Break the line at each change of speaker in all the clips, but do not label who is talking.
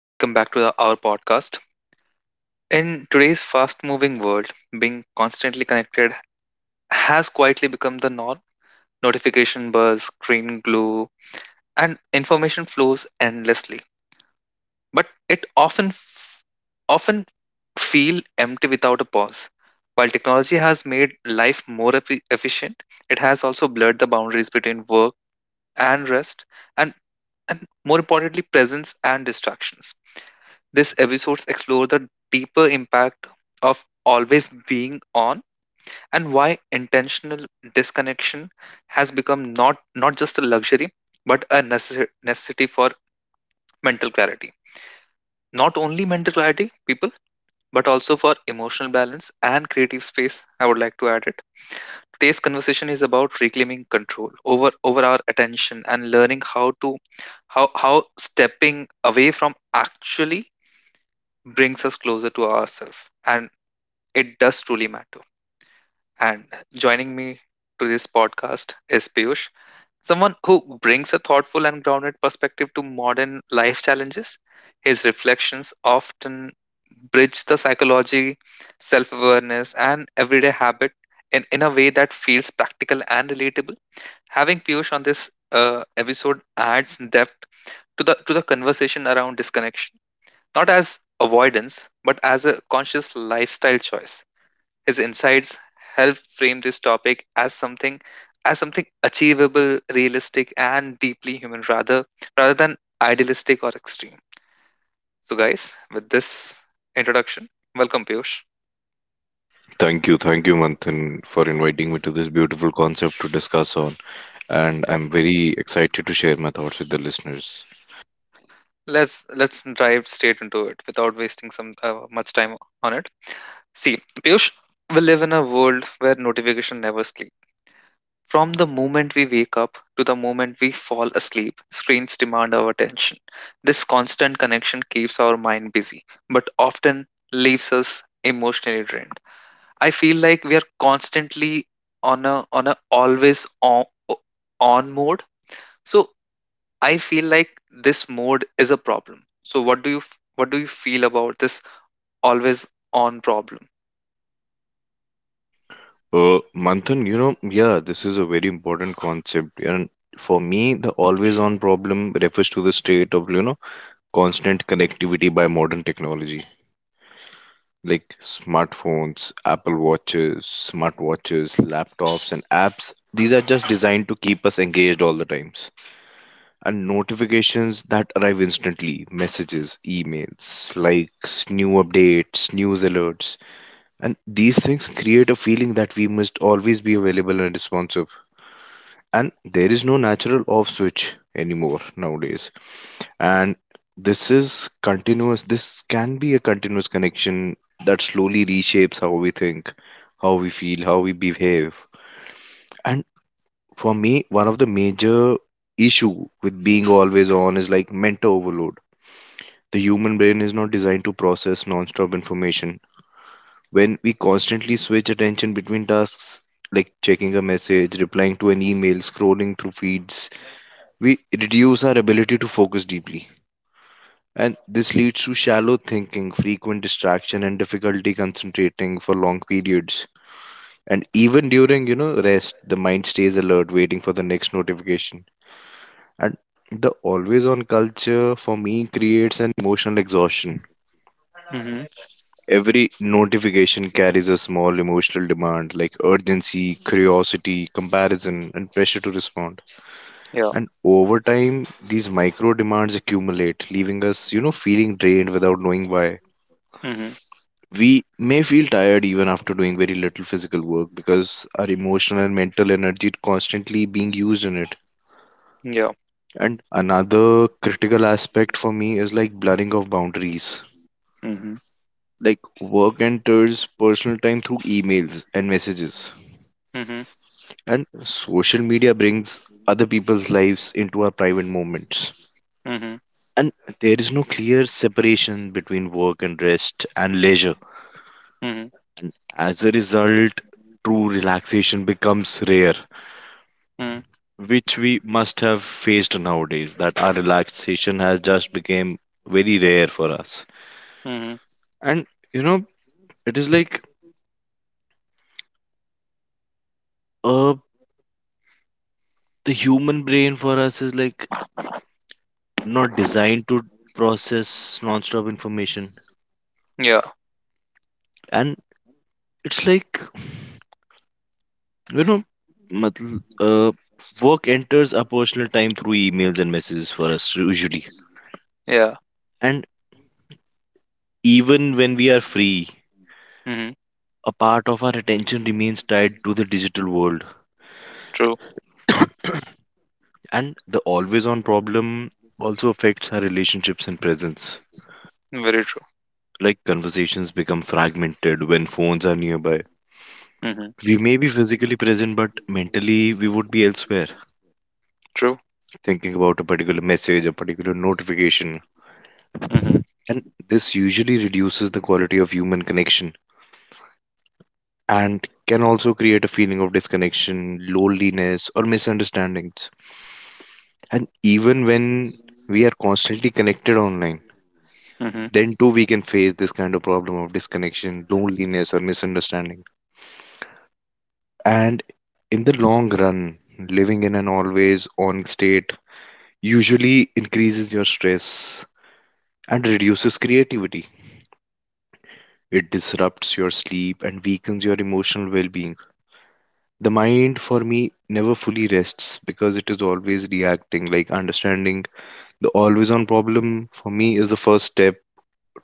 Welcome back to our podcast. In today's fast moving world, being constantly connected has quietly become the norm. Notification buzz, screen glue, and information flows endlessly. But it often feel empty without a pause. While technology has made life more efficient, it has also blurred the boundaries between work and rest and, and more importantly presence and distractions. This episodes explore the deeper impact of always being on and why intentional disconnection has become not just a luxury but a necessity for mental clarity. Not only mental clarity, people, but also for emotional balance and creative space. I would like to add it. Today's conversation is about reclaiming control over our attention and learning how to how stepping away from actually brings us closer to ourselves and it does truly matter. And joining me to this podcast is Piyush, someone who brings a thoughtful and grounded perspective to modern life challenges. His reflections often bridge the psychology, self awareness, and everyday habit in a way that feels practical and relatable. Having Piyush on this episode adds depth to the conversation around disconnection, not as avoidance, but as a conscious lifestyle choice. His insights help frame this topic as something achievable, realistic, and deeply human rather than idealistic or extreme. So guys, with this introduction, welcome Piyush.
Thank you, Manthan, for inviting me to this beautiful concept to discuss on. And
Yeah.
I'm very excited to share my thoughts with the listeners.
Let's dive straight into it without wasting some much time on it. See, Piyush, we live in a world where notification never sleeps. From the moment we wake up to the moment we fall asleep, screens demand our attention. This constant connection keeps our mind busy, but often leaves us emotionally drained. I feel like we are constantly on a always on mode. So I feel like this mode is a problem. So what do you feel about this always on problem?
Manthan, yeah, this is a very important concept. And for me, the always on problem refers to the state of, constant connectivity by modern technology like smartphones, Apple watches, smartwatches, laptops, and apps. These are just designed to keep us engaged all the times and notifications that arrive instantly messages, emails, likes, new updates, news alerts. And these things create a feeling that we must always be available and responsive. And there is no natural off switch anymore nowadays. And this is continuous, this can be a continuous connection that slowly reshapes how we think, how we feel, how we behave. And for me, one of the major issue with being always on is like mental overload. The human brain is not designed to process non-stop information. When we constantly switch attention between tasks, like checking a message, replying to an email, scrolling through feeds, we reduce our ability to focus deeply. And this leads to shallow thinking, frequent distraction, and difficulty concentrating for long periods. And even during, rest, the mind stays alert, waiting for the next notification. And the always on culture for me creates an emotional exhaustion.
Mhm.
Every notification carries a small emotional demand like urgency, curiosity, comparison, and pressure to respond.
Ja.
And over time, these micro demands accumulate, leaving us, feeling drained without knowing why.
Mhm.
We may feel tired even after doing very little physical work because our emotional and mental energy is constantly being used in it.
Ja.
And another critical aspect for me is like blurring of boundaries.
Mhm.
Like work enters personal time through emails and messages,
Mhm.
and social media brings other people's lives into our private moments,
Mhm.
and there is no clear separation between work and rest and leisure.
Mhm.
As a result, true relaxation becomes rare,
Mhm.
which we must have faced nowadays, that our relaxation has just become very rare for us.
Mhm.
And you know it is like uh the human brain for us is like not designed to process non-stop information.
Yeah.
And it's like, you know, matl- uh, work enters our personal time through emails and messages for us usually.
Yeah.
And even when we are free,
Mhm.
a part of our attention remains tied to the digital world.
True.
And the always on problem also affects our relationships and presence.
Very true.
Like conversations become fragmented when phones are nearby.
Mhm.
We may be physically present, but mentally we would be elsewhere,
True.
thinking about a particular message, a particular notification.
Mhm.
And this usually reduces the quality of human connection and can also create a feeling of disconnection, loneliness, or misunderstandings. And even when we are constantly connected online,
Mhm.
then too we can face this kind of problem of disconnection, loneliness, or misunderstanding. And in the long run, living in an always on state usually increases your stress and
Yeah.
reduces creativity.
Mhm.
It disrupts your sleep and weakens your emotional well being. The mind for me never fully rests because it is always reacting like understanding
Yeah.
the always on problem for me is the first step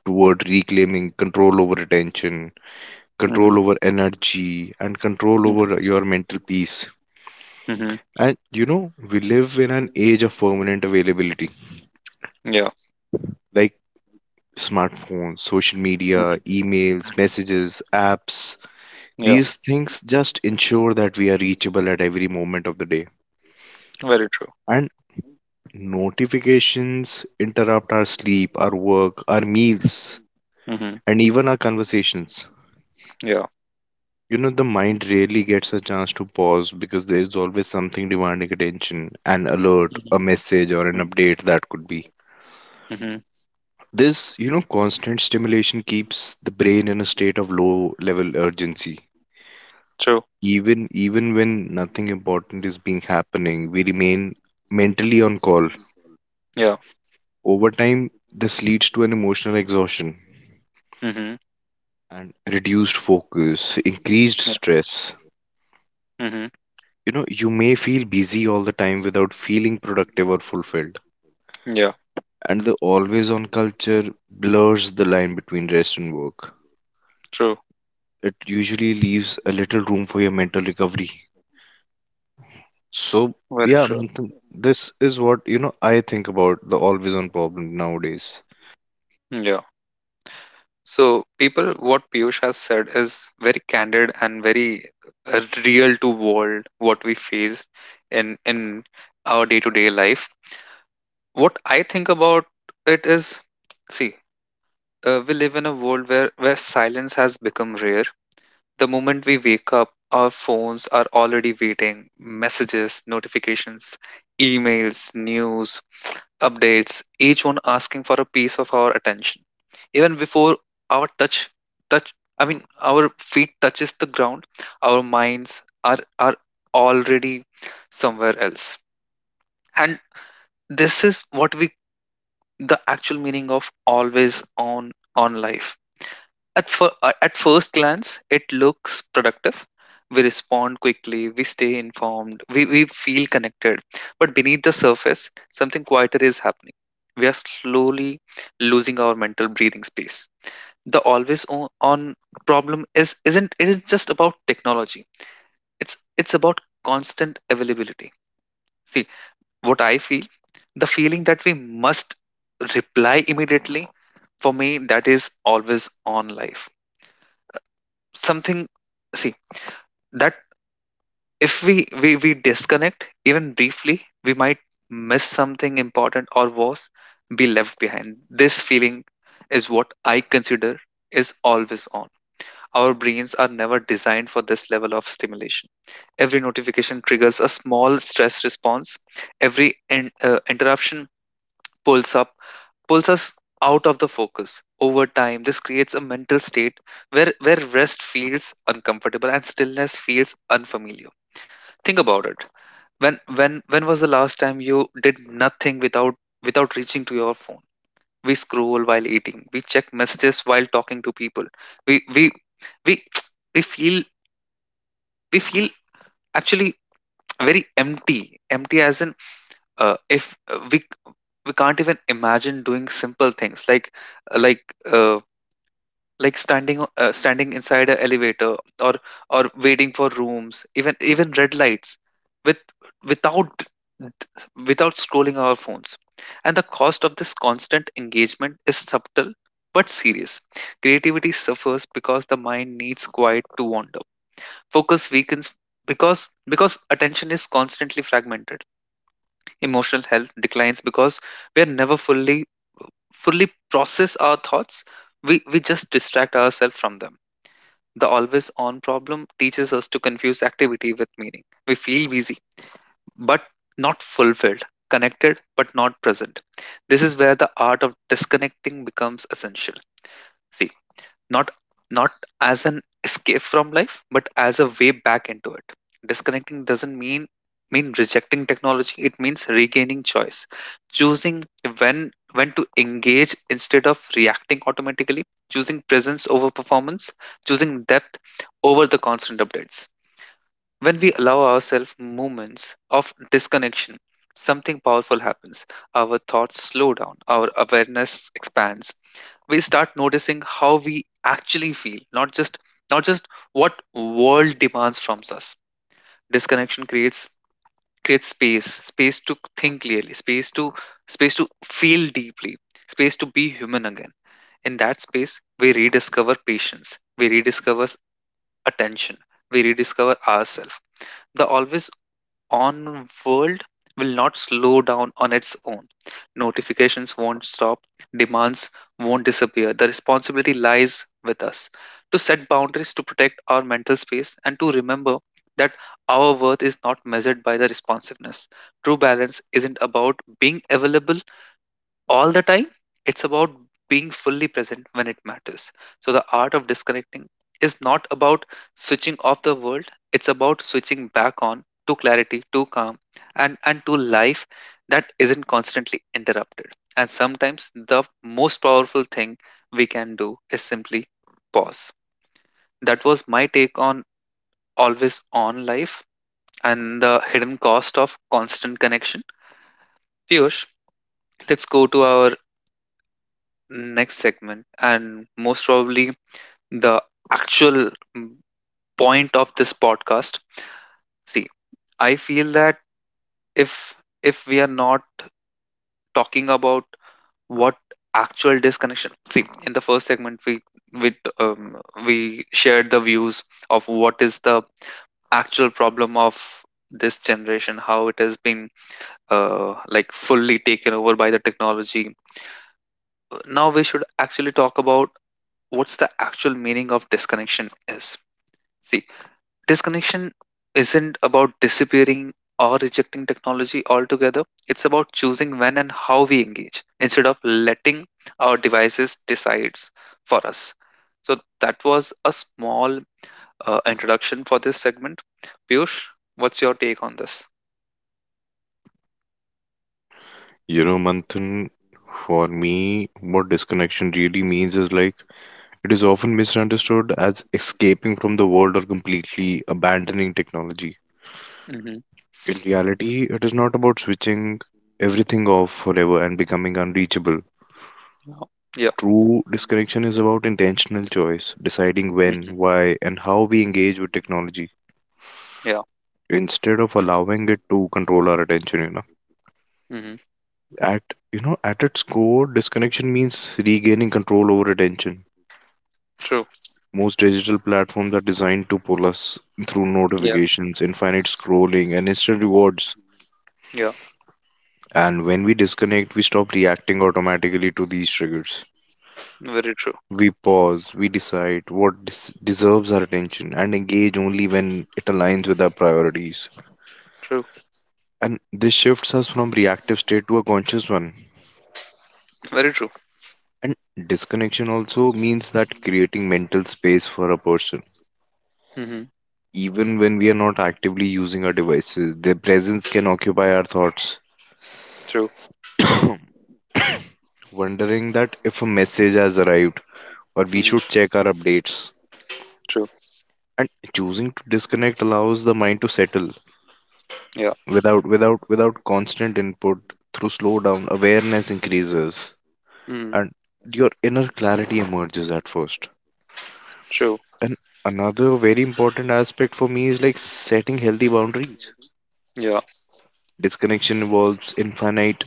toward reclaiming control over attention,
Mhm.
control over energy, and control over
Mhm.
your mental peace.
Mhm.
And we live in an age of permanent availability,
Yeah.
like smartphones, social media,
Mhm.
emails, messages, apps.
Yeah.
These things just ensure that we are reachable at every moment of the day.
Very true.
And notifications interrupt our sleep, our work, our meals,
Mhm.
and even our conversations.
Yeah.
The mind rarely gets a chance to pause because there is always something demanding attention, an alert, a
Mhm.
message, or an
Mhm.
update that could be.
Mhm.
This, constant stimulation keeps the brain in a state of low level urgency.
True.
Even when nothing important is being happening, we remain mentally on call.
Yeah.
Over time, this leads to an emotional exhaustion
Mhm.
and reduced focus, increased
Yeah.
stress.
Mhm.
You may feel busy all the time without feeling productive or fulfilled.
Yeah.
And the always on culture blurs the line between rest and work.
True.
It usually leaves a little room for your mental recovery. So,
Very
yeah,
true.
Manthan, this is what, I think about the always on problem nowadays.
Yeah. So, people, what Piyush has said is very candid and very real to world what we face in our day to day life. What I think about it is, see, we live in a world where silence has become rare. The moment we wake up, our phones are already waiting, messages, notifications, emails, news, updates, each one asking for a piece of our attention. Even before our touch I mean our feet touches the ground, our minds are already somewhere else. And this is what we the actual meaning of always on life. At at first glance, it looks productive. We respond quickly, we stay informed, we feel connected. But beneath the surface, something quieter is happening. We are slowly losing our mental breathing space. The always on problem is isn't it is just about technology. It's about constant availability. See, what I feel, the feeling that we must reply immediately, for me, that is always on life. Something, see, that if we disconnect even briefly, we might miss something important or worse, be left behind. This feeling is what I consider is always on. Our brains are never designed for this level of stimulation. Every notification triggers a small stress response. Every interruption pulls up pulls us out of the focus. Over time this creates a mental state where rest feels uncomfortable and stillness feels unfamiliar. Think about it. When was the last time you did nothing without reaching to your phone? We scroll while eating. We check messages while talking to people. We we we we feel we feel actually very empty. Empty as in, if we we can't even imagine doing simple things like uh, like standing standing inside a elevator or or waiting for rooms, even even red lights, with without scrolling our phones. And the cost of this constant engagement is subtle but serious. Creativity suffers because the mind needs quiet to wander. Focus weakens because attention is constantly fragmented. Emotional health declines because we are never fully process our thoughts. We just distract ourselves from them. The always on problem teaches us to confuse activity with meaning. We feel busy, but not fulfilled, connected, but not present. This is where the art of disconnecting becomes essential. See, not not as an escape from life but as a way back into it. Disconnecting doesn't mean rejecting technology, it means regaining choice, choosing when to engage instead of reacting automatically, choosing presence over performance, choosing depth over the constant updates. When we allow ourselves moments of disconnection, something powerful happens. Our thoughts slow down, our awareness expands, we start noticing how we actually feel, not just what world demands from us. Disconnection creates space to think clearly, space to feel deeply, space to be human again. In that space, we rediscover patience, we rediscover attention, we rediscover ourselves. The always on world will not slow down on its own. Notifications won't stop, demands won't disappear. The responsibility lies with us to set boundaries, to protect our mental space, and to remember that our worth is not measured by the responsiveness. True balance isn't about being available all the time, it's about being fully present when it matters. So the art of disconnecting is not about switching off the world, it's about switching back on to clarity, to calm, and to life that isn't constantly interrupted. And sometimes the most powerful thing we can do is simply pause. That was my take on always on life and the hidden cost of constant connection. Piyush, let's go to our next segment and most probably the actual mm, point of this podcast. See, I feel that if we are not talking about what actual disconnection, see, in the first segment we with we shared the views of what is the actual problem of this generation, how it has been like fully taken over by the technology. Now we should actually talk about what's the actual meaning of disconnection is. See, disconnection isn't about disappearing or rejecting technology altogether. It's about choosing when and how we engage instead of letting our devices decide for us. So that was a small introduction for this segment. Piyush, what's your take on this?
Manthan, for me, what disconnection really means is like, it is often misunderstood as escaping from the world or completely abandoning technology.
Hmm.
In reality, it is not about switching everything off forever and becoming unreachable.
Yeah. Yeah.
True disconnection is about intentional choice, deciding
Hmm.
when, why, and how we engage with technology
Yeah.
instead of allowing it to control our attention,
Hmm.
At at its core, disconnection means regaining control over attention.
True.
Most digital platforms are designed to pull us through
Yeah.
notifications, infinite scrolling, and instant rewards.
Yeah.
And when we disconnect, we stop reacting automatically to these triggers.
Very true.
We pause, we decide what deserves our attention, and engage only when it aligns with our priorities.
True.
And this shifts us from reactive state to a conscious one.
Very true.
And disconnection also means that creating mental space for a person.
Hmm.
Even when we are not actively using our devices, their presence can occupy our thoughts,
True.
wondering that if a message has arrived or we
Hmm.
should check our updates.
True.
And choosing to disconnect allows the mind to settle
Yeah.
without constant input, through slow down awareness increases
Hmm.
and your inner clarity emerges at first.
True.
And another very important aspect for me is like setting healthy boundaries.
Yeah.
Disconnection involves infinite,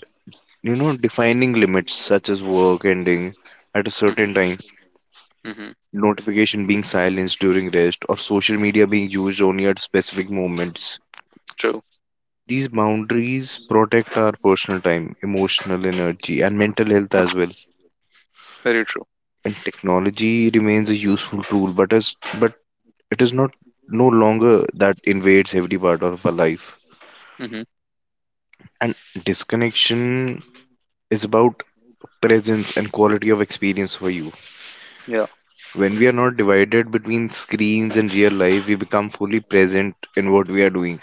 defining limits such as work ending at a certain time,
Mhm.
notification being silenced during rest, or social media being used only at specific moments.
True.
These boundaries protect our personal time, emotional energy, and mental health as well.
Very true.
And technology remains a useful tool, but it is not no longer that invades every part of our life.
Mhm.
And disconnection is about presence and quality of experience for you.
Yeah.
When we are not divided between screens and real life, we become fully present in what we are doing,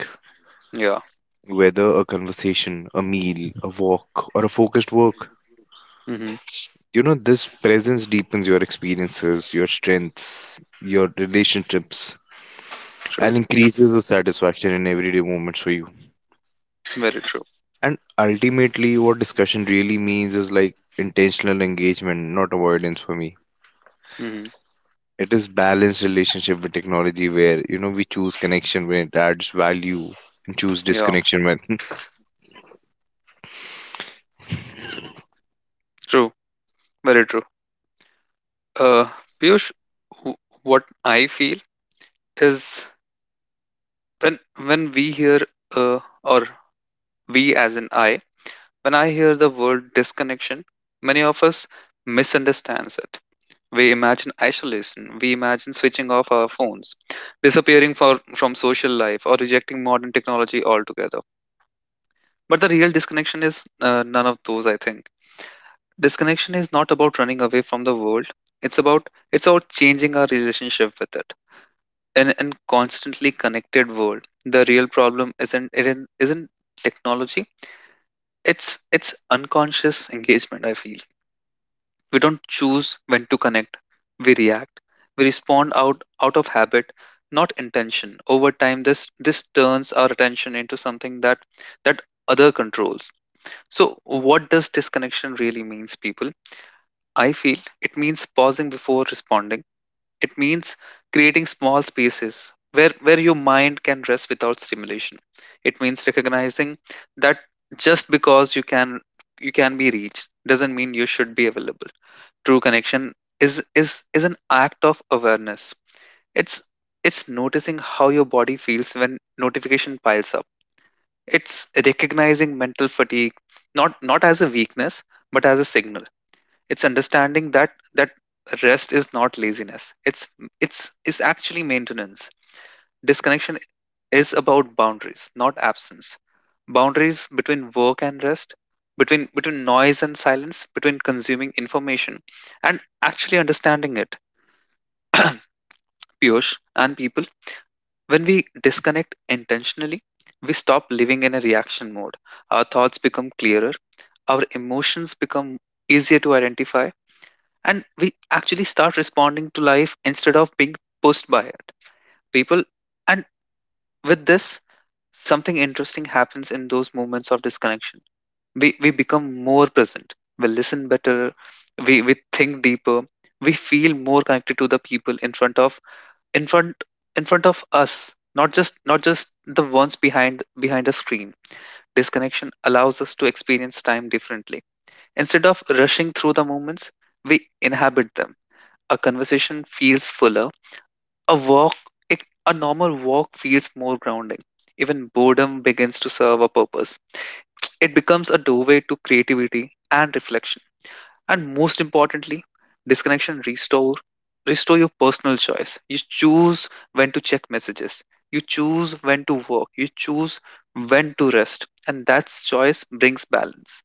Yeah.
whether a conversation, a meal, a walk, or a focused work.
Mhm.
This presence deepens your experiences, your strengths, your relationships,
True.
and increases the satisfaction in everyday moments for you.
Very true.
And ultimately, what discussion really means is like intentional engagement, not avoidance for me.
Mhm.
It is balanced relationship with technology where, we choose connection when it adds value and choose
Yeah.
disconnection when
True. Very true. Uh, Piyush, w- what I feel is when we hear or we as an I, when I hear the word disconnection, many of us misunderstands it. We imagine isolation. We imagine switching off our phones, disappearing for from social life, or rejecting modern technology altogether. But the real disconnection is none of those, I think. Disconnection is not about running away from the world. It's about changing our relationship with it. In constantly connected world, the real problem isn't isn't technology. It's unconscious engagement, I feel. We don't choose when to connect. We react. We respond out of habit, not intention. Over time this turns our attention into something that other controls. So what does disconnection really means, people? I feel it means pausing before responding. It means creating small spaces where your mind can rest without stimulation. It means recognizing that just because you can be reached doesn't mean you should be available. True connection is an act of awareness. It's it's noticing how your body feels when notification piles up. It's recognizing mental fatigue not as a weakness but as a signal. It's understanding that rest is not laziness, it's is actually maintenance. Disconnection is about boundaries not absence, boundaries between work and rest, between noise and silence, between consuming information and actually understanding it. Piyush and people, when we disconnect intentionally, we stop living in a reaction mode. Our thoughts become clearer, our emotions become easier to identify, and we actually start responding to life instead of being pushed by it, people. And with this, something interesting happens in those moments of disconnection. We become more present, we listen better, we think deeper, we feel more connected to the people in front in front of us, not just the ones behind a screen. Disconnection allows us to experience time differently. Instead of rushing through the moments, we inhabit them. A conversation feels fuller. A walk, a normal walk feels more grounding. Even boredom begins to serve a purpose. It becomes a doorway to creativity and reflection. And most importantly, disconnection restore your personal choice. You choose when to check messages. You choose when to work. You choose when to rest. And that choice brings balance.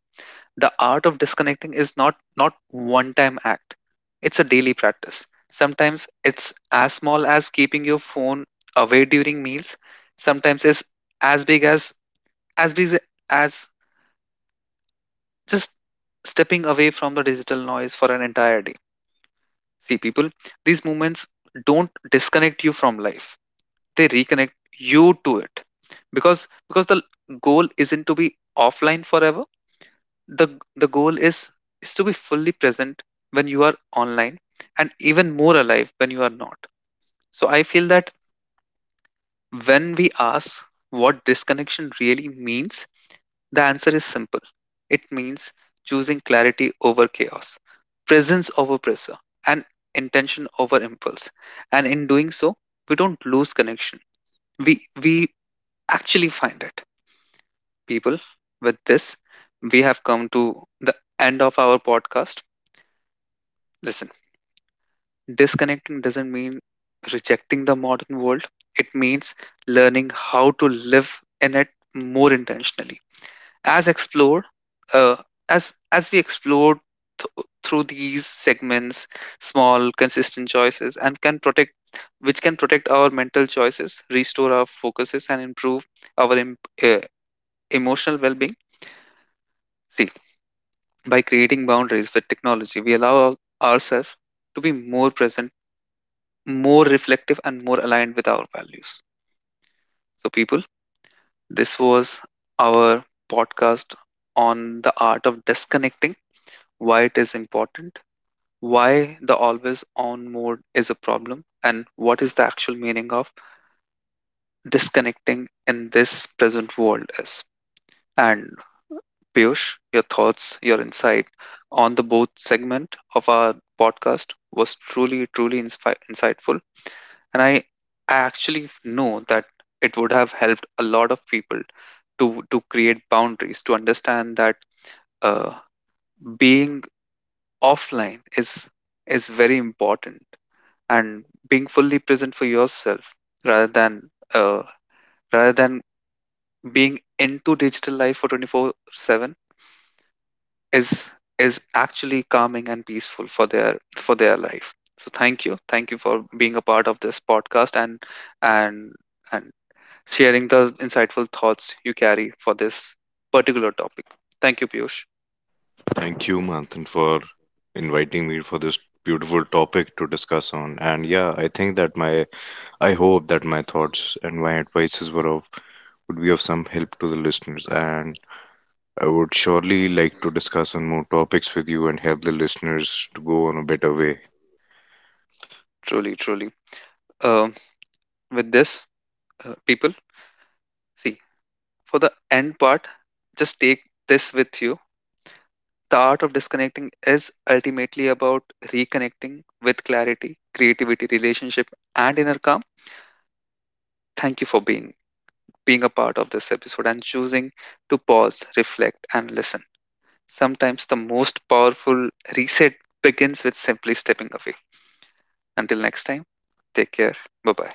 The art of disconnecting is not one time act, it's a daily practice. Sometimes it's as small as keeping your phone away during meals. Sometimes it's as big as as big as just stepping away from the digital noise for an entire day. See people, these moments don't disconnect you from life, they reconnect you to it. Because because the goal isn't to be offline forever. The the goal is to be fully present when you are online and even more alive when you are not. So I feel that when we ask what disconnection really means, the answer is simple. It means choosing clarity over chaos, presence over pressure, and intention over impulse. And in doing so, we don't lose connection, we we actually find it, people. With this, we have come to the end of our podcast. Listen, disconnecting doesn't mean rejecting the modern world, it means learning how to live in it more intentionally. As explored, uh, as as we explored through these segments, small consistent choices and can protect, which can protect our mental choices, restore our focuses, and improve our emotional well-being. See, by creating boundaries with technology, we allow ourselves to be more present, more reflective, and more aligned with our values. So, people, this was our podcast on the art of disconnecting, why it is important, why the always on mode is a problem, and what is the actual meaning of disconnecting in this present world is. And Piyush, your thoughts, your insight on the both segment of our podcast was truly, truly insightful, and I actually know that it would have helped a lot of people to create boundaries, to understand that uh, being offline is very important, and being fully present for yourself rather than uh, rather than being into digital life for 24/7 is is actually calming and peaceful for their life. So thank you for being a part of this podcast and and and sharing the insightful thoughts you carry for this particular topic. Thank you, Piyush.
Thank you, Manthan, for inviting me for this beautiful topic to discuss on. And yeah, I think that my, I hope that my thoughts and my advices were of, would be of some help to the listeners. And I would surely like to discuss on more topics with you and help the listeners to go on a better way.
Truly, truly. Um, with this, people, see, for the end part, just take this with you. The art of disconnecting is ultimately about reconnecting with clarity, creativity, relationship, and inner calm. Thank you for being a part of this episode and choosing to pause, reflect, and listen. Sometimes the most powerful reset begins with simply stepping away. Until next time, take care. Bye bye.